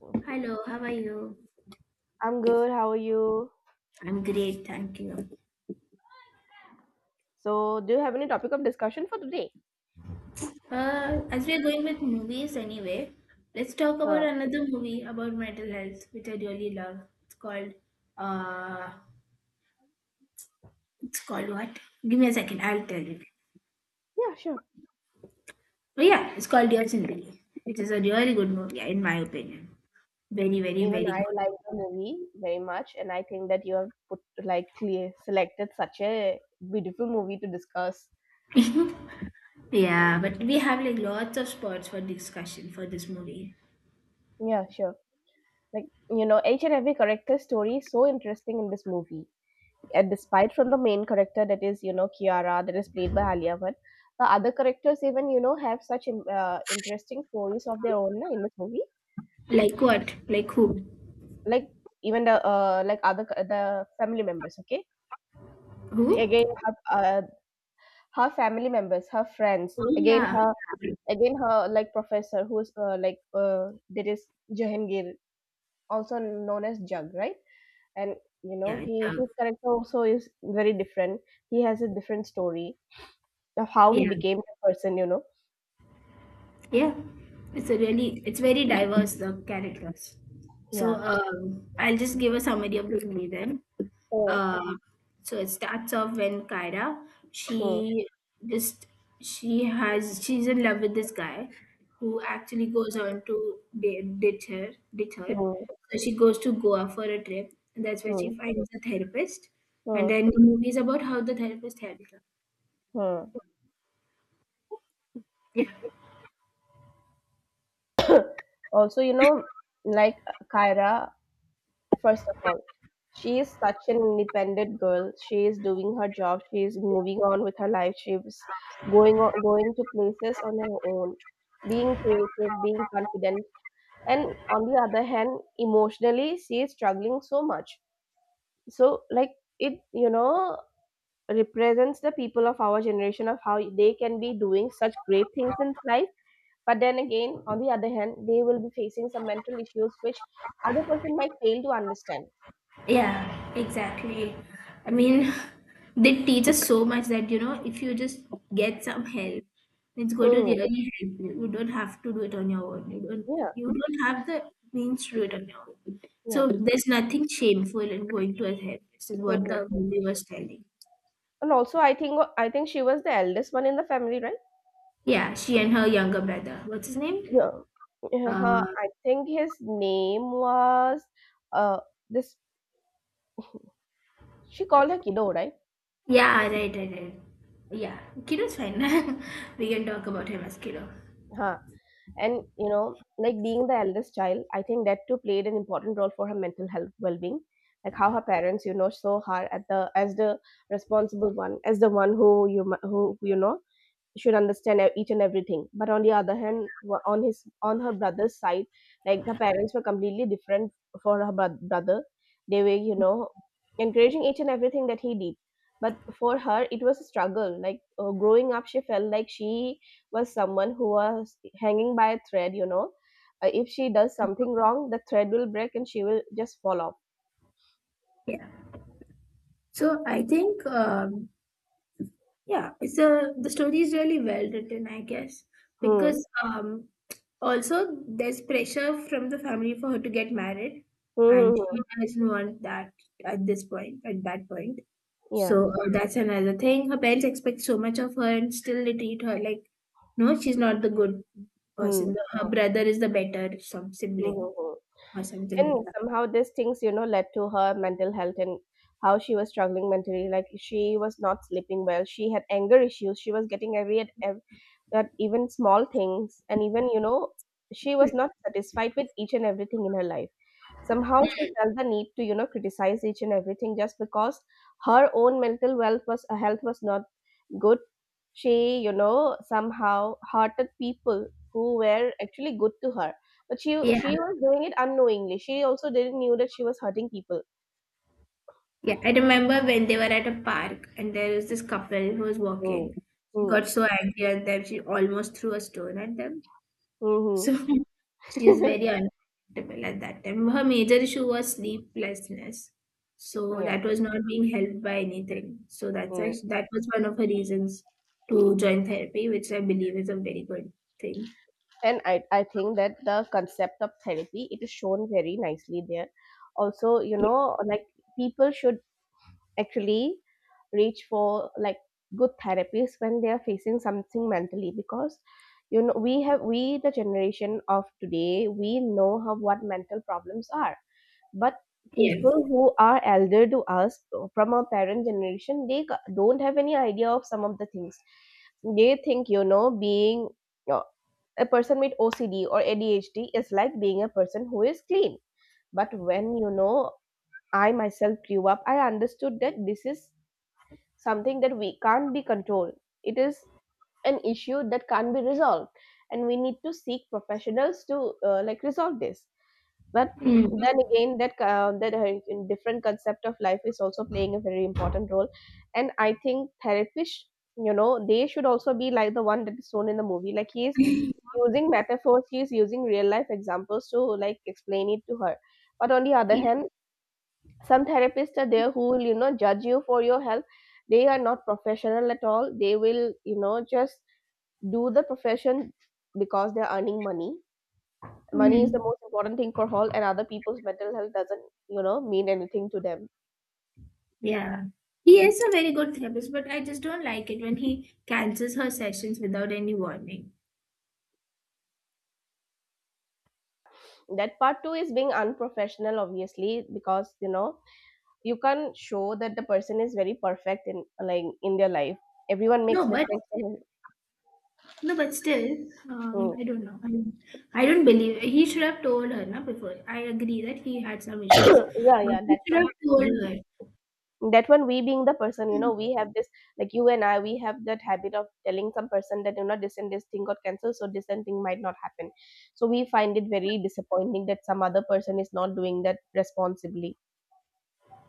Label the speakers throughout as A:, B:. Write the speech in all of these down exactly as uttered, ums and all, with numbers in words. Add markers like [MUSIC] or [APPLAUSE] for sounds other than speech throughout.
A: Okay.
B: Hello, how are you?
A: I'm good. How are you?
B: I'm great, thank you.
A: So, do you have any topic of discussion for today?
B: Uh, as we're going with movies anyway, let's talk about
A: Uh,
B: another movie about mental health, which I really love. It's called uh, it's called what? Give me a second, I'll tell you.
A: yeah, sure.
B: Oh yeah, it's called Dear Zindagi, which is a really good movie in my opinion. Very, very,
A: Even
B: very good.
A: I like the movie very much, and I think that you have put like clear selected such a beautiful movie to discuss.
B: Yeah, but we have like lots of spots for discussion for this movie.
A: Yeah, sure. Like you know, each and every character story is so interesting in this movie. And despite from the main character that is you know Kiara that is played by Alia Bhatt, the other characters even you know have such in, uh, interesting stories of their own uh, in this movie.
B: Like what? Like who?
A: Like even the uh, like other c- the family members, okay.
B: Who?
A: Again her, uh, her family members, her friends,
B: Oh
A: again
B: yeah,
A: her, again her like professor who's uh, like uh, that is Jahangir, also known as Jug, right? And you
B: yeah,
A: know,
B: it's,
A: he,
B: um,
A: his character also is very different. He has a different story of how he
B: yeah.
A: became the person, you know.
B: Yeah, it's a really it's very diverse, the characters. So
A: Yeah.
B: um, I'll just give a summary of the movie then.
A: Hmm.
B: Uh, so it starts off when Kyra
A: Hmm.
B: she just she has she's in love with this guy who actually goes on to di- ditch her ditch her.
A: Hmm.
B: So she goes to Goa for a trip, and that's where
A: Hmm.
B: she finds a therapist. And
A: Hmm.
B: then the movie is about how the therapist helped her.
A: Hmm. Also, you know, like Kyra, first of all, she is such an independent girl. She is doing her job. She is moving on with her life. She's going on, going to places on her own, being creative, being confident. And on the other hand, emotionally, she is struggling so much. So, like it, you know, represents the people of our generation of how they can be doing such great things in life. But then again, on the other hand, they will be facing some mental issues which other person might fail to understand.
B: Yeah, exactly. I mean, [LAUGHS] they teach us so much that, you know, if you just get some help, it's going to
A: Hmm.
B: really help you. You don't have to do it on your own. You don't,
A: Yeah.
B: you don't have the means to do it on your own.
A: Yeah.
B: So there's nothing shameful in going to a therapist, is what the
A: Mhm.
B: movie was telling.
A: And also, I think I think she was the eldest one in the family, right?
B: Yeah, she and her younger brother. What's his name?
A: Yeah. Yeah, her,
B: Uh,
A: I think his name was uh this. She called her Kiddo, right?
B: yeah, right, right, right. Yeah, Kiddo's fine. [LAUGHS] We can talk about him as Kiddo.
A: Huh. And you know, like being the eldest child, I think that too played an important role for her mental health well-being. Like how her parents, you know, saw her at the as the responsible one, as the one who you mu- who you know should understand e- each and everything. But on the other hand, wa- on his on her brother's side, like the parents were completely different for her bro- brother. They were, you know, encouraging each and everything that he did. But for her it was a struggle. Like uh, growing up, she felt like she was someone who was hanging by a thread, you know. Uh, if she does something wrong, the thread will break and she will just fall off.
B: Yeah. So I think, um, yeah, it's a the story is really well written, I guess,
A: Hmm.
B: because um, also there's pressure from the family for her to get married,
A: Hmm,
B: and
A: hmm,
B: she
A: hmm.
B: doesn't want that at this point, at that point.
A: Yeah.
B: So uh, that's another thing. Her parents expect so much of her, and still they treat her like, no, she's not the good
A: Hmm.
B: person. Her brother is the better some
A: Hmm,
B: sibling
A: hmm, hmm.
B: or something like
A: And
B: that.
A: somehow these things, you know, led to her mental health, and how she was struggling mentally. Like she was not sleeping well, she had anger issues, she was getting angry at ev- at even small things, and even, you know, she was not satisfied with each and everything in her life. Somehow she felt the need to, you know, criticize each and everything just because her own mental wealth was uh, health was not good. She, you know, somehow hurted people who were actually good to her. But she
B: Yeah,
A: she was doing it unknowingly. She also didn't knew that she was hurting people.
B: yeah, I remember when they were at a park and there was this couple who was
A: Mm.
B: walking. She
A: Mm.
B: got so angry at them, she almost threw a stone at them. So
A: Mm-hmm.
B: [LAUGHS] she is very uncomfortable at that time. Her major issue was sleeplessness. So
A: [LAUGHS] Yeah.
B: that was not being helped by anything. So that's
A: Mm.
B: act- that was one of her reasons to join therapy, which I believe is a very good thing.
A: And I, I think that the concept of therapy, it is shown very nicely there. Also, you
B: Yeah.
A: know, like people should actually reach for like good therapies when they are facing something mentally, because you know, we have we the generation of today, we know how, what mental problems are. But
B: Yeah.
A: people who are elder to us, from our parent generation, they ca- don't have any idea of some of the things. They think, you know, being uh, a person with OCD or ADHD is like being a person who is clean. But when you know, I myself grew up, I understood that this is something that we can't be controlled. It is an issue that can't be resolved, and we need to seek professionals to uh, like resolve this. But
B: Mm.
A: then again, that uh, that uh, different concept of life is also playing a very important role. And I think therapists, you know, they should also be like the one that is shown in the movie. Like he is
B: [LAUGHS]
A: using metaphors, he is using real life examples to like explain it to her. But on the other
B: Yeah.
A: hand, some therapists are there who will, you know, judge you for your health. They are not professional at all. They will, you know, just do the profession because they're earning money. Money is the
B: Mm.
A: most important thing for all, and other people's mental health doesn't, you know, mean anything to them.
B: Yeah. He is a very good therapist, but I just don't like it when he cancels her sessions without any warning.
A: That part two is being unprofessional, obviously. Because you know, you can show that the person is very perfect in like in their life. Everyone makes
B: No, but
A: mistakes, and —
B: no, but still, um,
A: Mm.
B: I don't know. I mean, I don't believe he should have told her na, before. I agree that he had some issues,
A: [COUGHS] Yeah,
B: but
A: yeah,
B: he
A: that
B: should have
A: one.
B: told her.
A: We That one, we being the person, you know, we have this, like you and I, we have that habit of telling some person that, you know, this and this thing got cancelled, so this and thing might not happen. So we find it very disappointing that some other person is not doing that responsibly.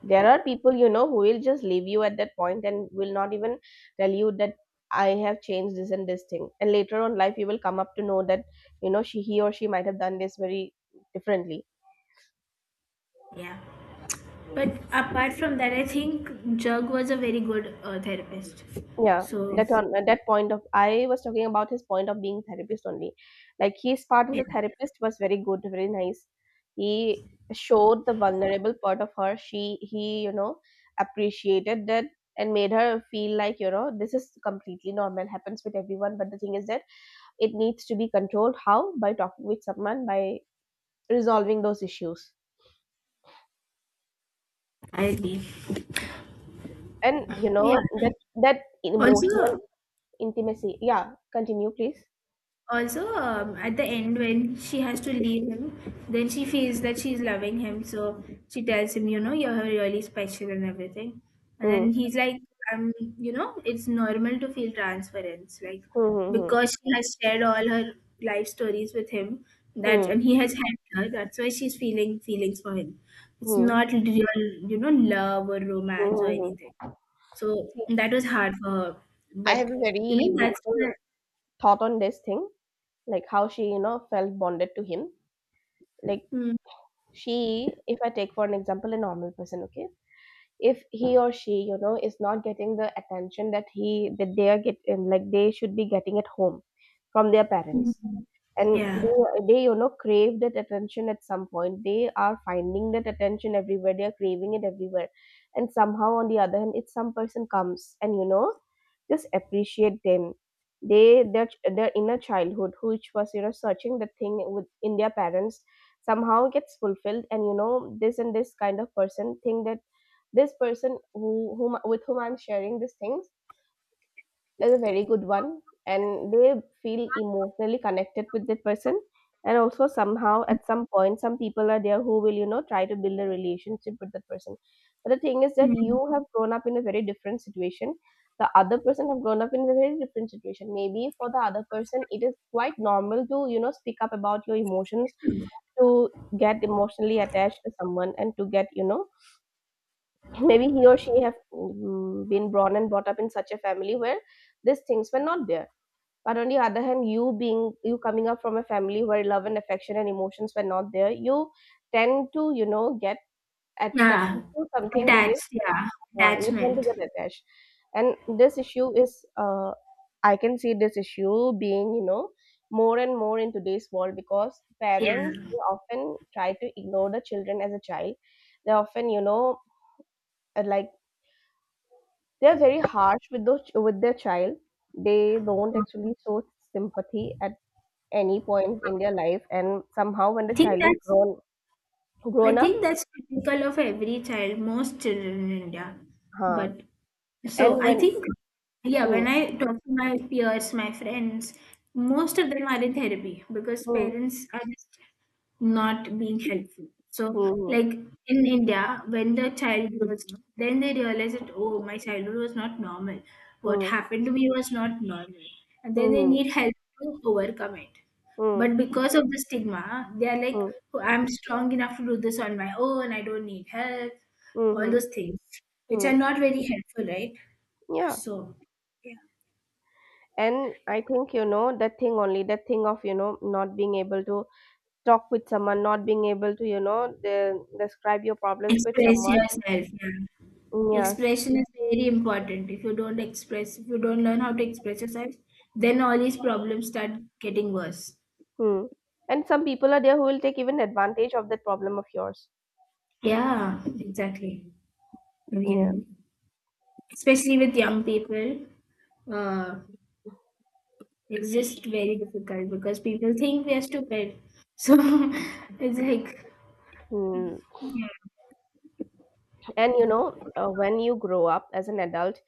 A: There are people, you know, who will just leave you at that point and will not even tell you that I have changed this and this thing, and later on life you will come up to know that, you know, she, he or she might have done this very differently.
B: Yeah. But apart from that, I think Jug was a very good uh, therapist.
A: Yeah,
B: So
A: that on uh, that point of, I was talking about his point of being therapist only. Like his part as
B: yeah,
A: a therapist was very good, very nice. He showed the vulnerable part of her. She He, you know, appreciated that and made her feel like, you know, this is completely normal, happens with everyone. But the thing is that it needs to be controlled. How? By talking with someone, by resolving those issues.
B: I agree.
A: And you
B: Yeah.
A: know, that that
B: Also,
A: emotional intimacy. Yeah, continue please.
B: also um, at the end when she has to leave him, then she feels that she's loving him, so she tells him, you know, you're really special and everything. And
A: Hmm.
B: then he's like, um you know, it's normal to feel transference, like,
A: Hmm. Hmm. Hmm.
B: because she has shared all her life stories with him, that
A: Hmm.
B: and he has helped her, that's why she's feeling feelings for him. It's
A: Hmm.
B: not real, you know, love or
A: Hmm,
B: romance or
A: hmm, hmm.
B: anything. So
A: See,
B: that was hard for her.
A: I
B: But
A: have a
B: you
A: very
B: know, that's
A: beautiful
B: the,
A: thought on this thing, like how she, you know, felt bonded to him. Like
B: mm,
A: she, if I take for an example a normal person, okay, if he or she, you know, is not getting the attention that he that they are getting, like they should be getting at home from their parents, and they,
B: yeah.
A: they you know crave that attention. At some point they are finding that attention everywhere, they are craving it everywhere. And somehow on the other hand, if some person comes and you know just appreciate them, they, their ch- their inner childhood, which was you know searching the thing with in their parents, somehow gets fulfilled. And you know, this and this kind of person think that this person who whom, with whom I'm sharing these things, is a very good one, and they feel emotionally connected with that person. And also somehow at some point, some people are there who will, you know, try to build a relationship with that person. But the thing is that you
B: Mm.
A: have grown up in a very different situation, the other person have grown up in a very different situation. Maybe for the other person it is quite normal to, you know, speak up about your emotions, to get emotionally attached to someone, and to get you know, maybe he or she have mm, been born and brought up in such a family where these things were not there. But on the other hand, you being, you coming up from a family where love and affection and emotions were not there, you tend to you know get attracted
B: Yeah.
A: to something that is —
B: Attached, yeah.
A: uh, You tend to
B: Attachment.
A: get attached. And this issue is, uh, I can see this issue being, you know, more and more in today's world, because parents,
B: Yeah.
A: they often try to ignore the children as a child. They often you know uh, like, they're very harsh with those with their child. They don't actually show sympathy at any point in their life. And somehow when the
B: I think
A: child is
B: that's
A: grown
B: I
A: grown up,
B: think that's typical of every child, most children in India.
A: huh?
B: But so
A: And
B: I
A: when —
B: think, yeah,
A: Mm,
B: when I talk to my peers, my friends, most of them are in therapy because
A: mm,
B: parents are just not being helpful. So,
A: mm,
B: like, in India, when the child grows up, then they realize that, oh, my childhood was not normal. What
A: mm,
B: happened to me was not normal. And then they
A: mm,
B: need help to overcome it.
A: mm,
B: But because of the stigma, they are like,
A: mm,
B: oh, I'm strong enough to do this on my own, I don't need help, all
A: mm,
B: those things, which are
A: mm,
B: not very helpful, right?
A: yeah.
B: So, yeah.
A: And I think you know that thing only, that thing of you know not being able to talk with someone, not being able to you know de- describe your problems with
B: Express
A: someone.
B: yourself. Yeah.
A: Mm. Yes.
B: Expression is very important. If you don't express, if you don't learn how to express yourself, then all these problems start getting worse.
A: Hmm. And some people are there who will take even advantage of that problem of yours.
B: Yeah, exactly. I
A: Yeah.
B: mean, especially with young people, uh, it's just very difficult because people think we are stupid. So [LAUGHS] it's like,
A: Hmm. And you know, uh, when you grow up as an adult,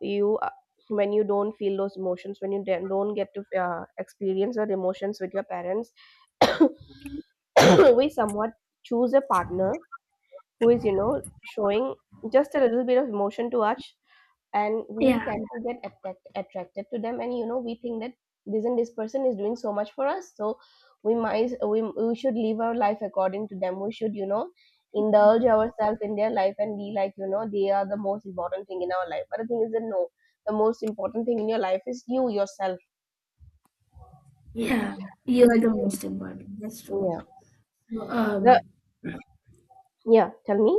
A: you uh, when you don't feel those emotions, when you don't don't get to uh, experience those emotions with your parents, [COUGHS] we somewhat choose a partner who is you know showing just a little bit of emotion to us, and we
B: yeah,
A: tend to get attract- attracted to them, and you know we think that this and this person is doing so much for us, so we might we, we should live our life according to them. We should, you know indulge ourselves in their life and be like, you know they are the most important thing in our life. But the thing is that no, the most important thing in your life is you yourself.
B: yeah, you are the most important. That's true.
A: Yeah.
B: So,
A: the
B: um,
A: Yeah, tell me.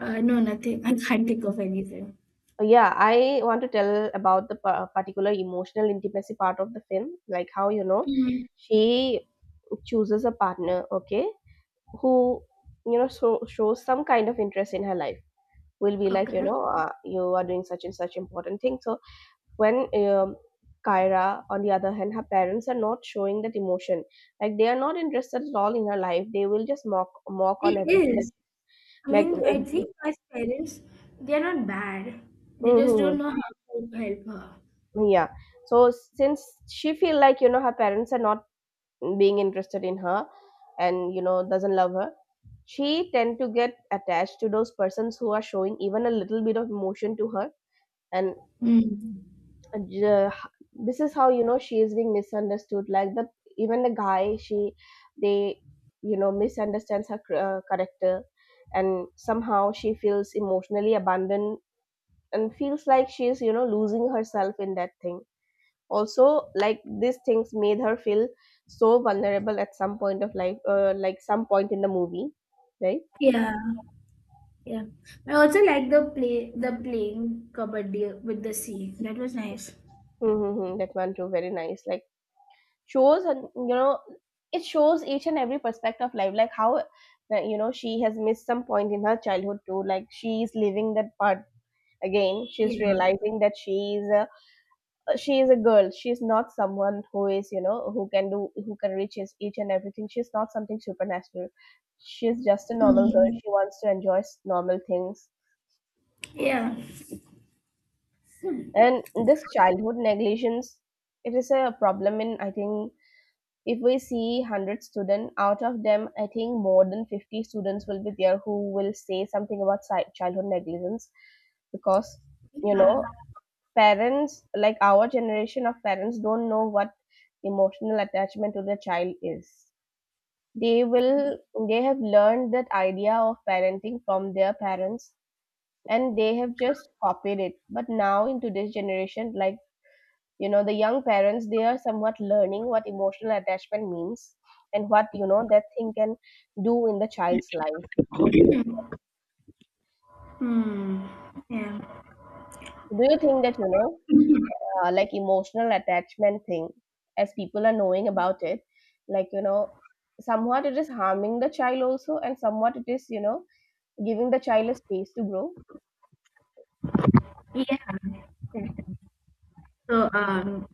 B: uh, no, nothing. I can't think of anything.
A: Uh, yeah, I want to tell about the par- particular emotional intimacy part of the film, like how you know
B: Mm,
A: she chooses a partner, okay, who you know so, shows some kind of interest in her life, will be like, you
B: okay.
A: know uh, you are doing such and such important thing. So when um, Kyra, on the other hand, her parents are not showing that emotion. Like, they are not interested at all in her life. They will just mock mock on
B: It
A: everything, that
B: is. I
A: like
B: mean, I
A: everything.
B: think as parents, they're not bad. They just
A: Hmm.
B: don't know how to help her.
A: Yeah. So since she feel like, you know her parents are not being interested in her, and you know doesn't love her, she tend to get attached to those persons who are showing even a little bit of emotion to her. And
B: Mm.
A: uh, this is how, you know she is being misunderstood, like the even the guy she they you know misunderstands her uh, character, and somehow she feels emotionally abandoned and feels like she is, you know losing herself in that thing. Also, like these things made her feel so vulnerable at some point of life, uh, like some point in the movie, right?
B: Yeah, yeah. I also like the play, the playing kabaddi with the sea. That was nice.
A: Mm-hmm. That one too, very nice. Like shows, and you know, it shows each and every aspect of life. Like how, uh, you know, she has missed some point in her childhood too. Like she is living that part again. She's
B: Yeah.
A: realizing that she is a she is a girl. She's not someone who is, you know who can do who can reach his, each and everything. She's not something supernatural. She's just a normal girl.
B: Mm.
A: She wants to enjoy s- normal things.
B: Yeah. Hmm.
A: And this childhood negligence, it is a problem. In I think if we see one hundred students, out of them I think more than fifty students will be there who will say something about si- childhood negligence, because you
B: Yeah.
A: know, parents, like our generation of parents, don't know what emotional attachment to their child is. They will they have learned that idea of parenting from their parents, and they have just copied it. But now in today's generation, like you know, the young parents, they are somewhat learning what emotional attachment means, and what you know, that thing can do in the child's life in future.
B: Hmm. Yeah.
A: Do you think that, you know, uh, like emotional attachment thing, as people are knowing about it, like you know, somewhat it is harming the child also, and somewhat it is, you know, giving the child a space to grow?
B: Yeah. So um,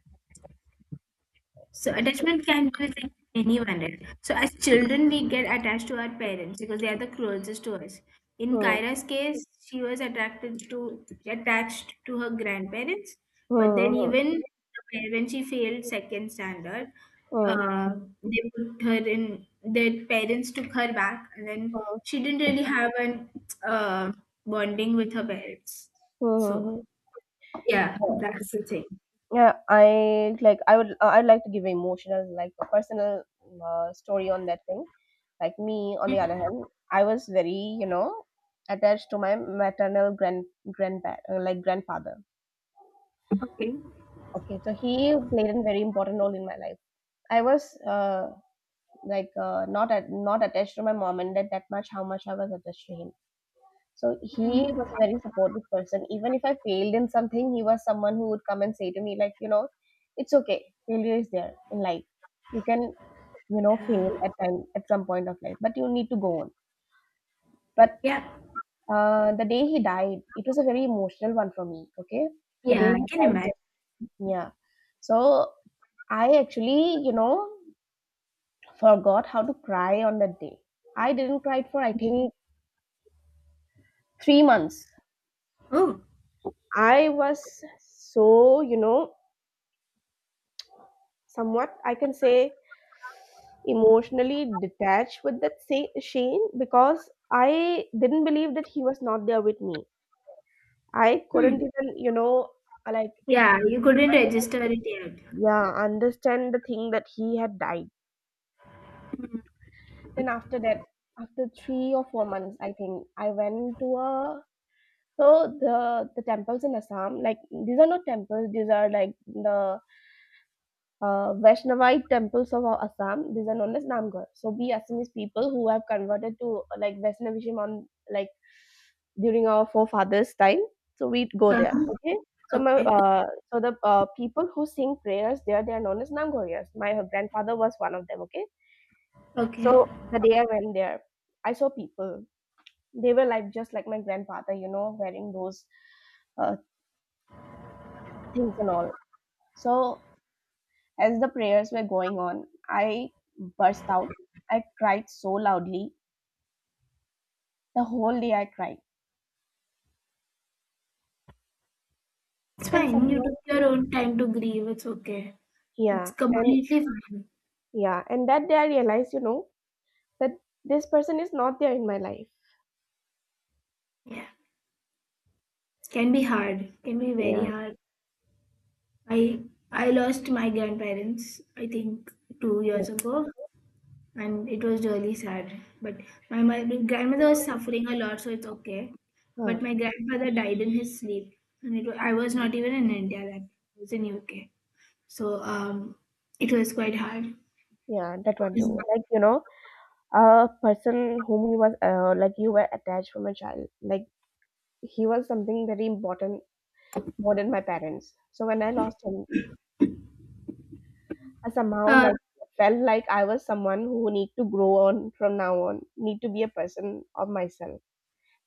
B: so attachment can be with anyone else. So as children, we get attached to our parents because they are the closest to us. In
A: Hmm.
B: Kyra's case, she was attracted to attached to her grandparents,
A: Hmm.
B: but then
A: Hmm.
B: even when she failed second standard,
A: Hmm.
B: uh, they put her in. Their parents took her back, and
A: Hmm.
B: then
A: Hmm.
B: she didn't really have an uh, bonding with her parents.
A: Hmm. Hmm,
B: So
A: hmm,
B: yeah,
A: hmm.
B: that's the thing.
A: Yeah, I like I would I'd like to give an emotional, like a personal uh, story on that thing. Like me, on the other hand, I was very, you know, attached to my maternal grand grandpa, uh, like grandfather,
B: Okay.
A: okay? So he played a very important role in my life. I was uh, like uh, not at, not attached to my mom and dad that much, how much I was attached to him. So he was
B: Mm.
A: a very supportive person. Even if I failed in something, he was someone who would come and say to me, like, you know, it's okay. Failure is there in life. You can, you know, fail at time at some point of life, but you need to go on. But
B: Yeah.
A: uh, the day he died, it was a very emotional one for me. Okay, the day
B: Yeah, I
A: he
B: can
A: died,
B: imagine.
A: yeah. So I actually, you know, forgot how to cry on that day. I didn't cry for, I think, three months.
B: Oh,
A: I was so, you know, somewhat I can say emotionally detached with that, say, shane, because I didn't believe that he was not there with me. I couldn't
B: hmm.
A: even, you know, like
B: Yeah, you couldn't
A: under,
B: register it yet.
A: yeah, understand the thing that he had died. Then after that, after three or four months, I think, I went to a, so the the temples in Assam, like these are not temples, these are like the uh, Vaishnavite temples of Assam. These are known as Namgar. So we Assamese people who have converted to, uh, like Vaishnavism, on like during our forefathers' time. So we go there.
B: Uh-huh.
A: Okay. So my
B: Okay,
A: uh, so the uh, people who sing prayers there, they are known as Namgorias. My grandfather was one of them. Okay.
B: okay.
A: So the day I went there, I saw people. They were like just like my grandfather, you know, wearing those uh, things and all. So as the prayers were going on, I burst out. I cried so loudly. The whole day I cried.
B: It's
A: And
B: fine. You
A: somehow,
B: took your own time to grieve. It's okay.
A: yeah,
B: It's
A: and
B: completely fine.
A: yeah, and that day I realized, you know, that this person is not there in my life.
B: Yeah. Can be hard. Can be very
A: Yeah,
B: hard. I I lost my grandparents, I think, two
A: yeah.
B: years ago, and it was really sad. But my, my grandmother was suffering a lot, so it's okay.
A: Huh.
B: But my grandfather died in his sleep, and it, wa- I was not even in India then. I was in U K. So um, it was quite hard.
A: Yeah, that one too. Like, you know, a person whom you was uh, like you were attached from a child. Like he was something very important, more than my parents. So when I lost him, I somehow
B: Uh,
A: like felt like I was someone who need to grow on from now on, need to be a person of myself.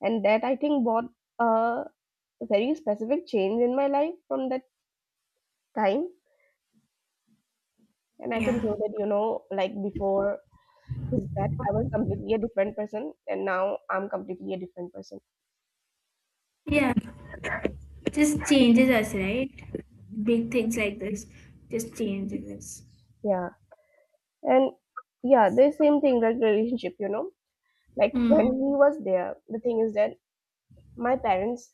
A: And that, I think, brought a very specific change in my life from that time. And I can
B: yeah,
A: say that, you know, like before is that I was completely a different person, and now I'm completely a different person.
B: yeah, just changes us, right? Big things like this just changes us.
A: Yeah. And yeah, the same thing, like relationship, you know. Like when
B: Mm.
A: he was there, the thing is that my parents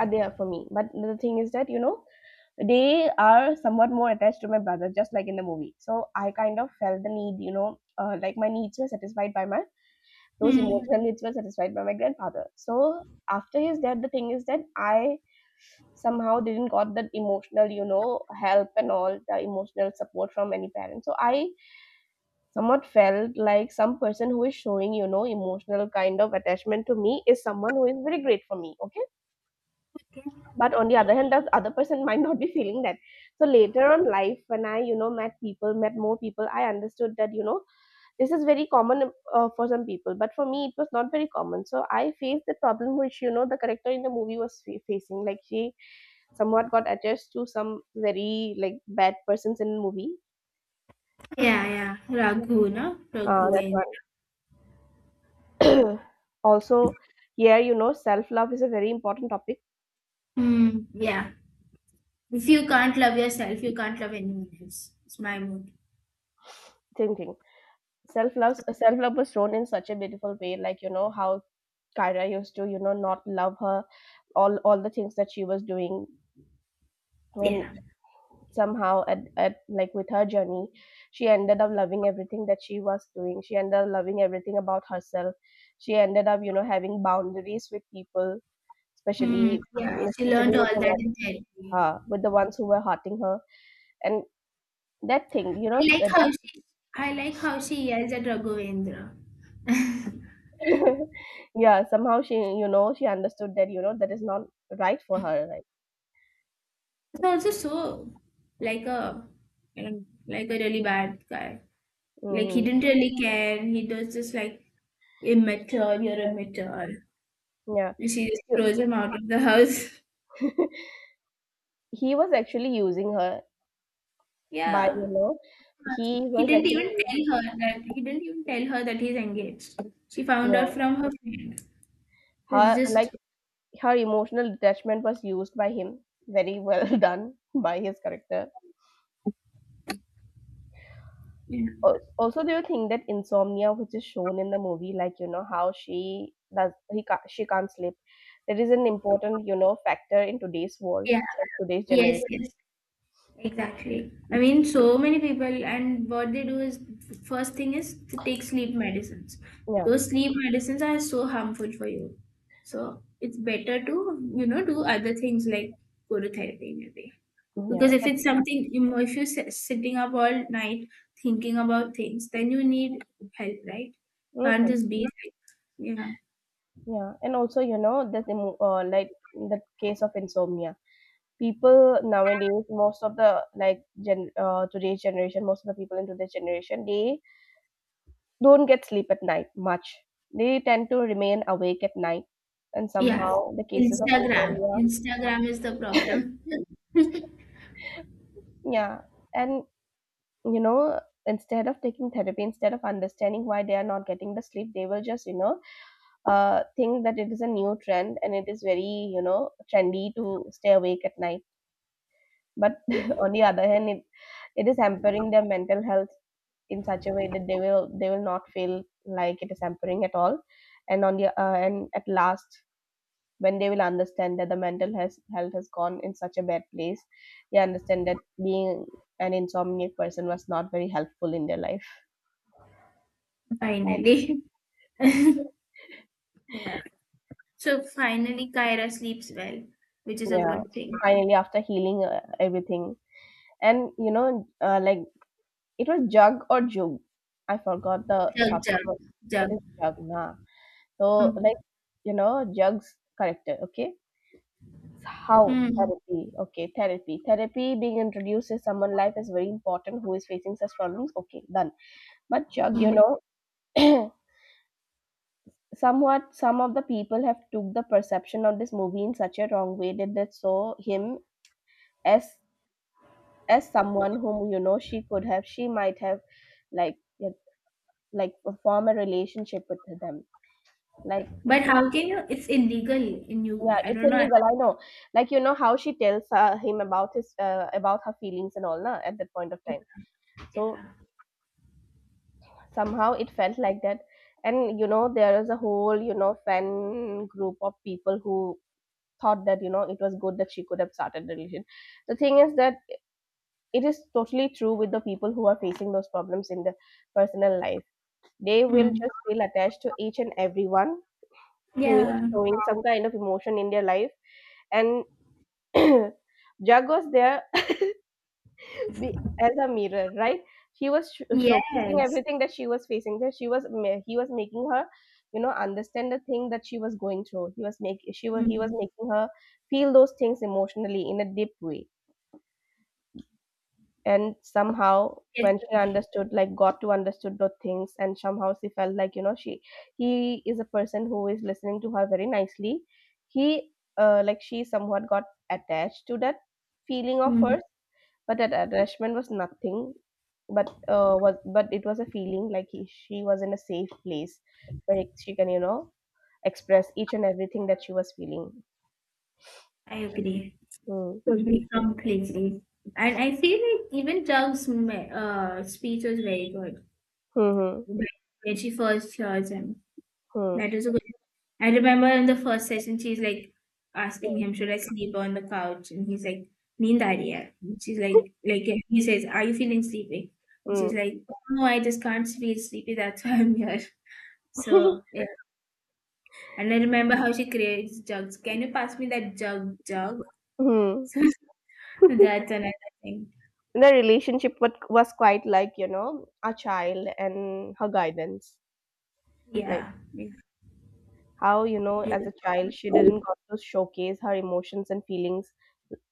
A: are there for me. But the thing is that, you know, they are somewhat more attached to my brother, just like in the movie. So I kind of felt the need, you know, uh, like my needs were satisfied by my, those
B: Mm.
A: emotional needs were satisfied by my grandfather. So after his death, the thing is that I somehow didn't got that emotional, you know, help and all the emotional support from any parent. So I somewhat felt like some person who is showing, you know, emotional kind of attachment to me is someone who is very great for me. Okay, but on the other hand, the other person might not be feeling that. So later on life, when I, you know, met people, met more people, I understood that, you know, this is very common, uh, for some people, but for me it was not very common. So I faced the problem which, you know, the character in the movie was fa- facing. Like she somewhat got attached to some very like bad persons in the movie.
B: Yeah, yeah. Raghu, no?
A: Uh,
B: Raghu.
A: that
B: In-
A: one [COUGHS] [CLEARS THROAT] also, here you know, self love is a very important topic.
B: Mm. Yeah. If you can't love yourself, you can't love anyone else. It's my mood.
A: Same thing, self love, self love was shown in such a beautiful way, like you know how Kyra used to, you know, not love her, all all the things that she was doing, and
B: Yeah.
A: somehow at, at like with her journey, she ended up loving everything that she was doing. She ended up loving everything about herself. She ended up, you know, having boundaries with people,
B: Mm.
A: especially
B: Yeah. She
A: especially
B: learned all
A: with the
B: that
A: ones,
B: in therapy.
A: uh, with the ones who were hurting her, and that thing, you know,
B: I like
A: that
B: how
A: that-
B: she I like how she yells at Raghavendra. [LAUGHS]
A: [LAUGHS] yeah, somehow she, you know, she understood that, you know, that is not right for her, right?
B: He's also so like a, you know, like a really bad guy. Like he
A: Mm-hmm.
B: didn't really care. He was just like immature. You're immature.
A: Yeah.
B: And she just throws him out of the house. [LAUGHS]
A: [LAUGHS] He was actually using her by you
B: Yeah.
A: know he
B: He
A: was
B: didn't even
A: actually using,
B: tell her that he didn't even tell her that he's engaged. She found out
A: yeah,
B: from her friend. It's
A: her, like
B: just
A: her emotional detachment was used by him very well. [LAUGHS] Done by his character.
B: yeah.
A: Al- also do you think that insomnia which is shown in the movie, like you know how she does he ca she can't sleep, that is an important, you know, factor in today's world,
B: Yeah.
A: today's
B: Yes, yes.
A: generation.
B: Exactly. I mean, so many people, and what they do is first thing is to take sleep medicines.
A: Yeah.
B: Those sleep medicines are so harmful for you. So it's better to, you know, do other things like go to therapy maybe.
A: yeah
B: Because if
A: that,
B: it's something, you know, if you're si- sitting up all night thinking about things, then you need help, right? Can't
A: hmm
B: just be like, yeah.
A: yeah, and also you know that the mo- uh, like the case of insomnia, people nowadays, most of the like gen uh, today's generation, most of the people in today's generation, they don't get sleep at night much. They tend to remain awake at night, and somehow
B: Yeah.
A: the cases of
B: Instagram.
A: insomnia.
B: Instagram is the problem.
A: yeah and, you know, instead of taking therapy, instead of understanding why they are not getting the sleep, they will just you know uh, think that it is a new trend and it is very, you know, trendy to stay awake at night. But [LAUGHS] on the other hand it, it is hampering their mental health in such a way that they will they will not feel like it is hampering at all. And on the uh, and at last, when they will understand that the mental has, health has gone in such a bad place, they understand that being an insomniac person was not very helpful in their life.
B: [LAUGHS] Finally. [LAUGHS] yeah. So finally, Kyra sleeps well, which is a
A: Yeah,
B: good thing.
A: finally, after healing uh, everything. And you know uh, like, it was Jug or Jug, I forgot the
B: Jug,
A: short
B: jug,
A: form. It
B: jug.
A: is Jug, nah so,
B: Mm.
A: like, you know, Jug's character. Okay. So how
B: Mm.
A: therapy— okay, therapy, therapy being introduced in someone life is very important, who is facing such problems. Okay, done. But Jug, you
B: Mm.
A: know, [CLEARS THROAT] somewhat some of the people have took the perception of this movie in such a wrong way that they saw him as as someone whom, you know, she could have, she might have, like, yeah, like form a relationship with them, like.
B: But how can you? It's illegal in you.
A: Yeah,
B: I
A: it's
B: don't know.
A: illegal, I know. Like, you know how she tells uh, him about his uh, about her feelings and all, na, at that point of time. So
B: Yeah.
A: somehow it felt like that. And, you know, there is a whole, you know, fan group of people who thought that, you know, it was good that she could have started the religion. The thing is that it is totally true with the people who are facing those problems in their personal life. They will
B: Mm.
A: just feel attached to each and everyone who is
B: Yeah.
A: showing some kind of emotion in their life. And [CLEARS THROAT] Jug was there, be as a mirror, right? She was sh- showcasing
B: Yes.
A: everything that she was facing, that she was ma- he was making her, you know, understand the thing that she was going through. He was make she was he was
B: Mm.
A: making her feel those things emotionally in a deep way. And somehow
B: Yes.
A: when she understood, like got to understood those things, and somehow she felt like, you know, she he is a person who is listening to her very nicely. He uh, Like, she somewhat got attached to that feeling of
B: Mm.
A: hers. But that attachment was nothing but uh was but it was a feeling like he, she was in a safe place where she can, you know, express each and everything that she was feeling.
B: I agree.
A: Mm.
B: Totally. Completely. And I feel like even Jug's me- uh, speech was very good
A: Hmm.
B: when when she first hears him.
A: Hmm.
B: That was a good. I remember in the first session, she's like asking
A: Mm.
B: him, "Should I sleep on the couch?" And he's like, "Neend aa rahi hai." And she's like, like he says, "Are you feeling sleepy?" And she's
A: Mm.
B: like, "No, I just can't feel sleepy. That's why I'm here." So
A: [LAUGHS]
B: yeah, and I remember how she creates jugs. Can you pass me that jug jug?
A: Mm.
B: [LAUGHS] So that's another thing.
A: The relationship was, was quite like, you know, a child and her guidance. Like,
B: Yeah, yeah,
A: how, you know, as a child, she didn't got to showcase her emotions and feelings.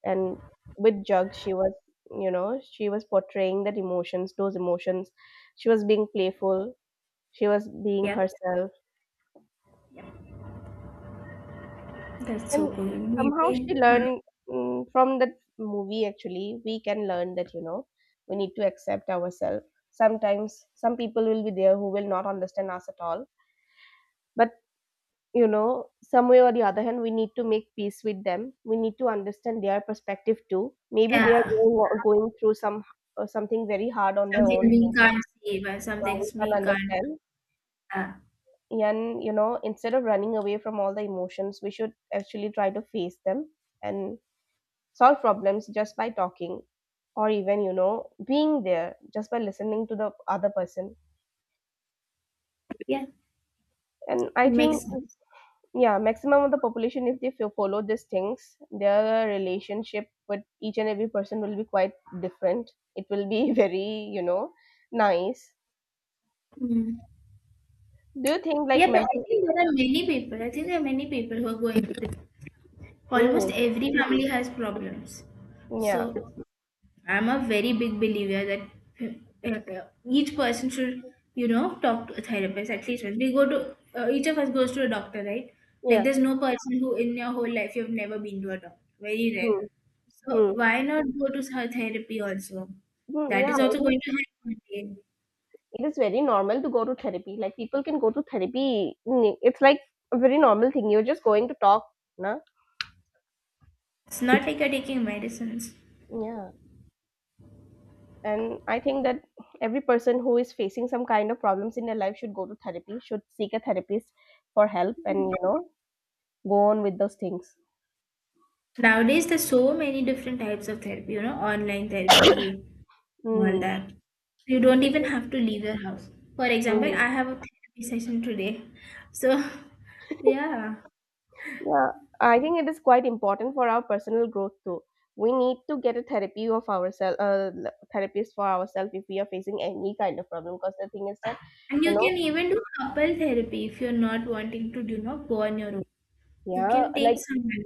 A: And with Jug, she was, you know, she was portraying that emotions, those emotions. She was being playful. She was being
B: yeah.
A: herself.
B: That's so
A: And
B: cool.
A: somehow
B: Maybe,
A: she
B: hmm,
A: learned, mm, from that movie. Actually, we can learn that, you know, we need to accept ourselves. Sometimes some people will be there who will not understand us at all, but, you know, some way or the other hand, we need to make peace with them, we need to understand their perspective too. Maybe
B: yeah,
A: they are going, going through some uh, something very hard on their
B: something
A: own.
B: we can't see, but some
A: Uh, we
B: things
A: can
B: we can't.
A: understand.
B: Uh,
A: And, you know, instead of running away from all the emotions, we should actually try to face them and solve problems just by talking, or even, you know, being there just by listening to the other person.
B: Yeah,
A: And I think—
B: makes sense.
A: yeah, maximum of the population, if they fo- follow these things, their relationship with each and every person will be quite different. It will be [LAUGHS] very, you know, nice.
B: Mm.
A: Do you think, like,
B: Yeah, but I
A: mental?
B: think there are many people. I think there are many people who are going through this. Almost
A: Mm-hmm.
B: every family has problems.
A: Yeah,
B: So I'm a very big believer that uh, uh, each person should, you know, talk to a therapist at least once. We go to uh, each of us goes to a doctor, right? Like
A: yeah,
B: there's no person who in your whole life you've never been to a doctor. Very rare.
A: mm,
B: So
A: mm,
B: why not go to her therapy also?
A: mm,
B: That
A: yeah.
B: is also
A: It is,
B: going to help one day.
A: it is very normal to go to therapy. Like, people can go to therapy. Mm, it's like a very normal thing. You're just going to talk, na?
B: It's not like you're taking medicines.
A: Yeah. And I think that every person who is facing some kind of problems in their life should go to therapy, should seek a therapist for help, and, you know, go on with those things.
B: Nowadays, there's so many different types of therapy, you know, online therapy, all
A: Mm.
B: that. You don't even have to leave your house. For example,
A: Mhm.
B: I have a therapy session today. So, [LAUGHS] yeah.
A: Yeah, I think it is quite important for our personal growth too. We need to get a therapy of ourselves, uh, l- therapist for ourselves if we are facing any kind of problem. Because the thing is that,
B: And you
A: you know,
B: can even do couple therapy if you're not wanting to, you know, go on your own. You
A: yeah,
B: can take
A: like
B: some help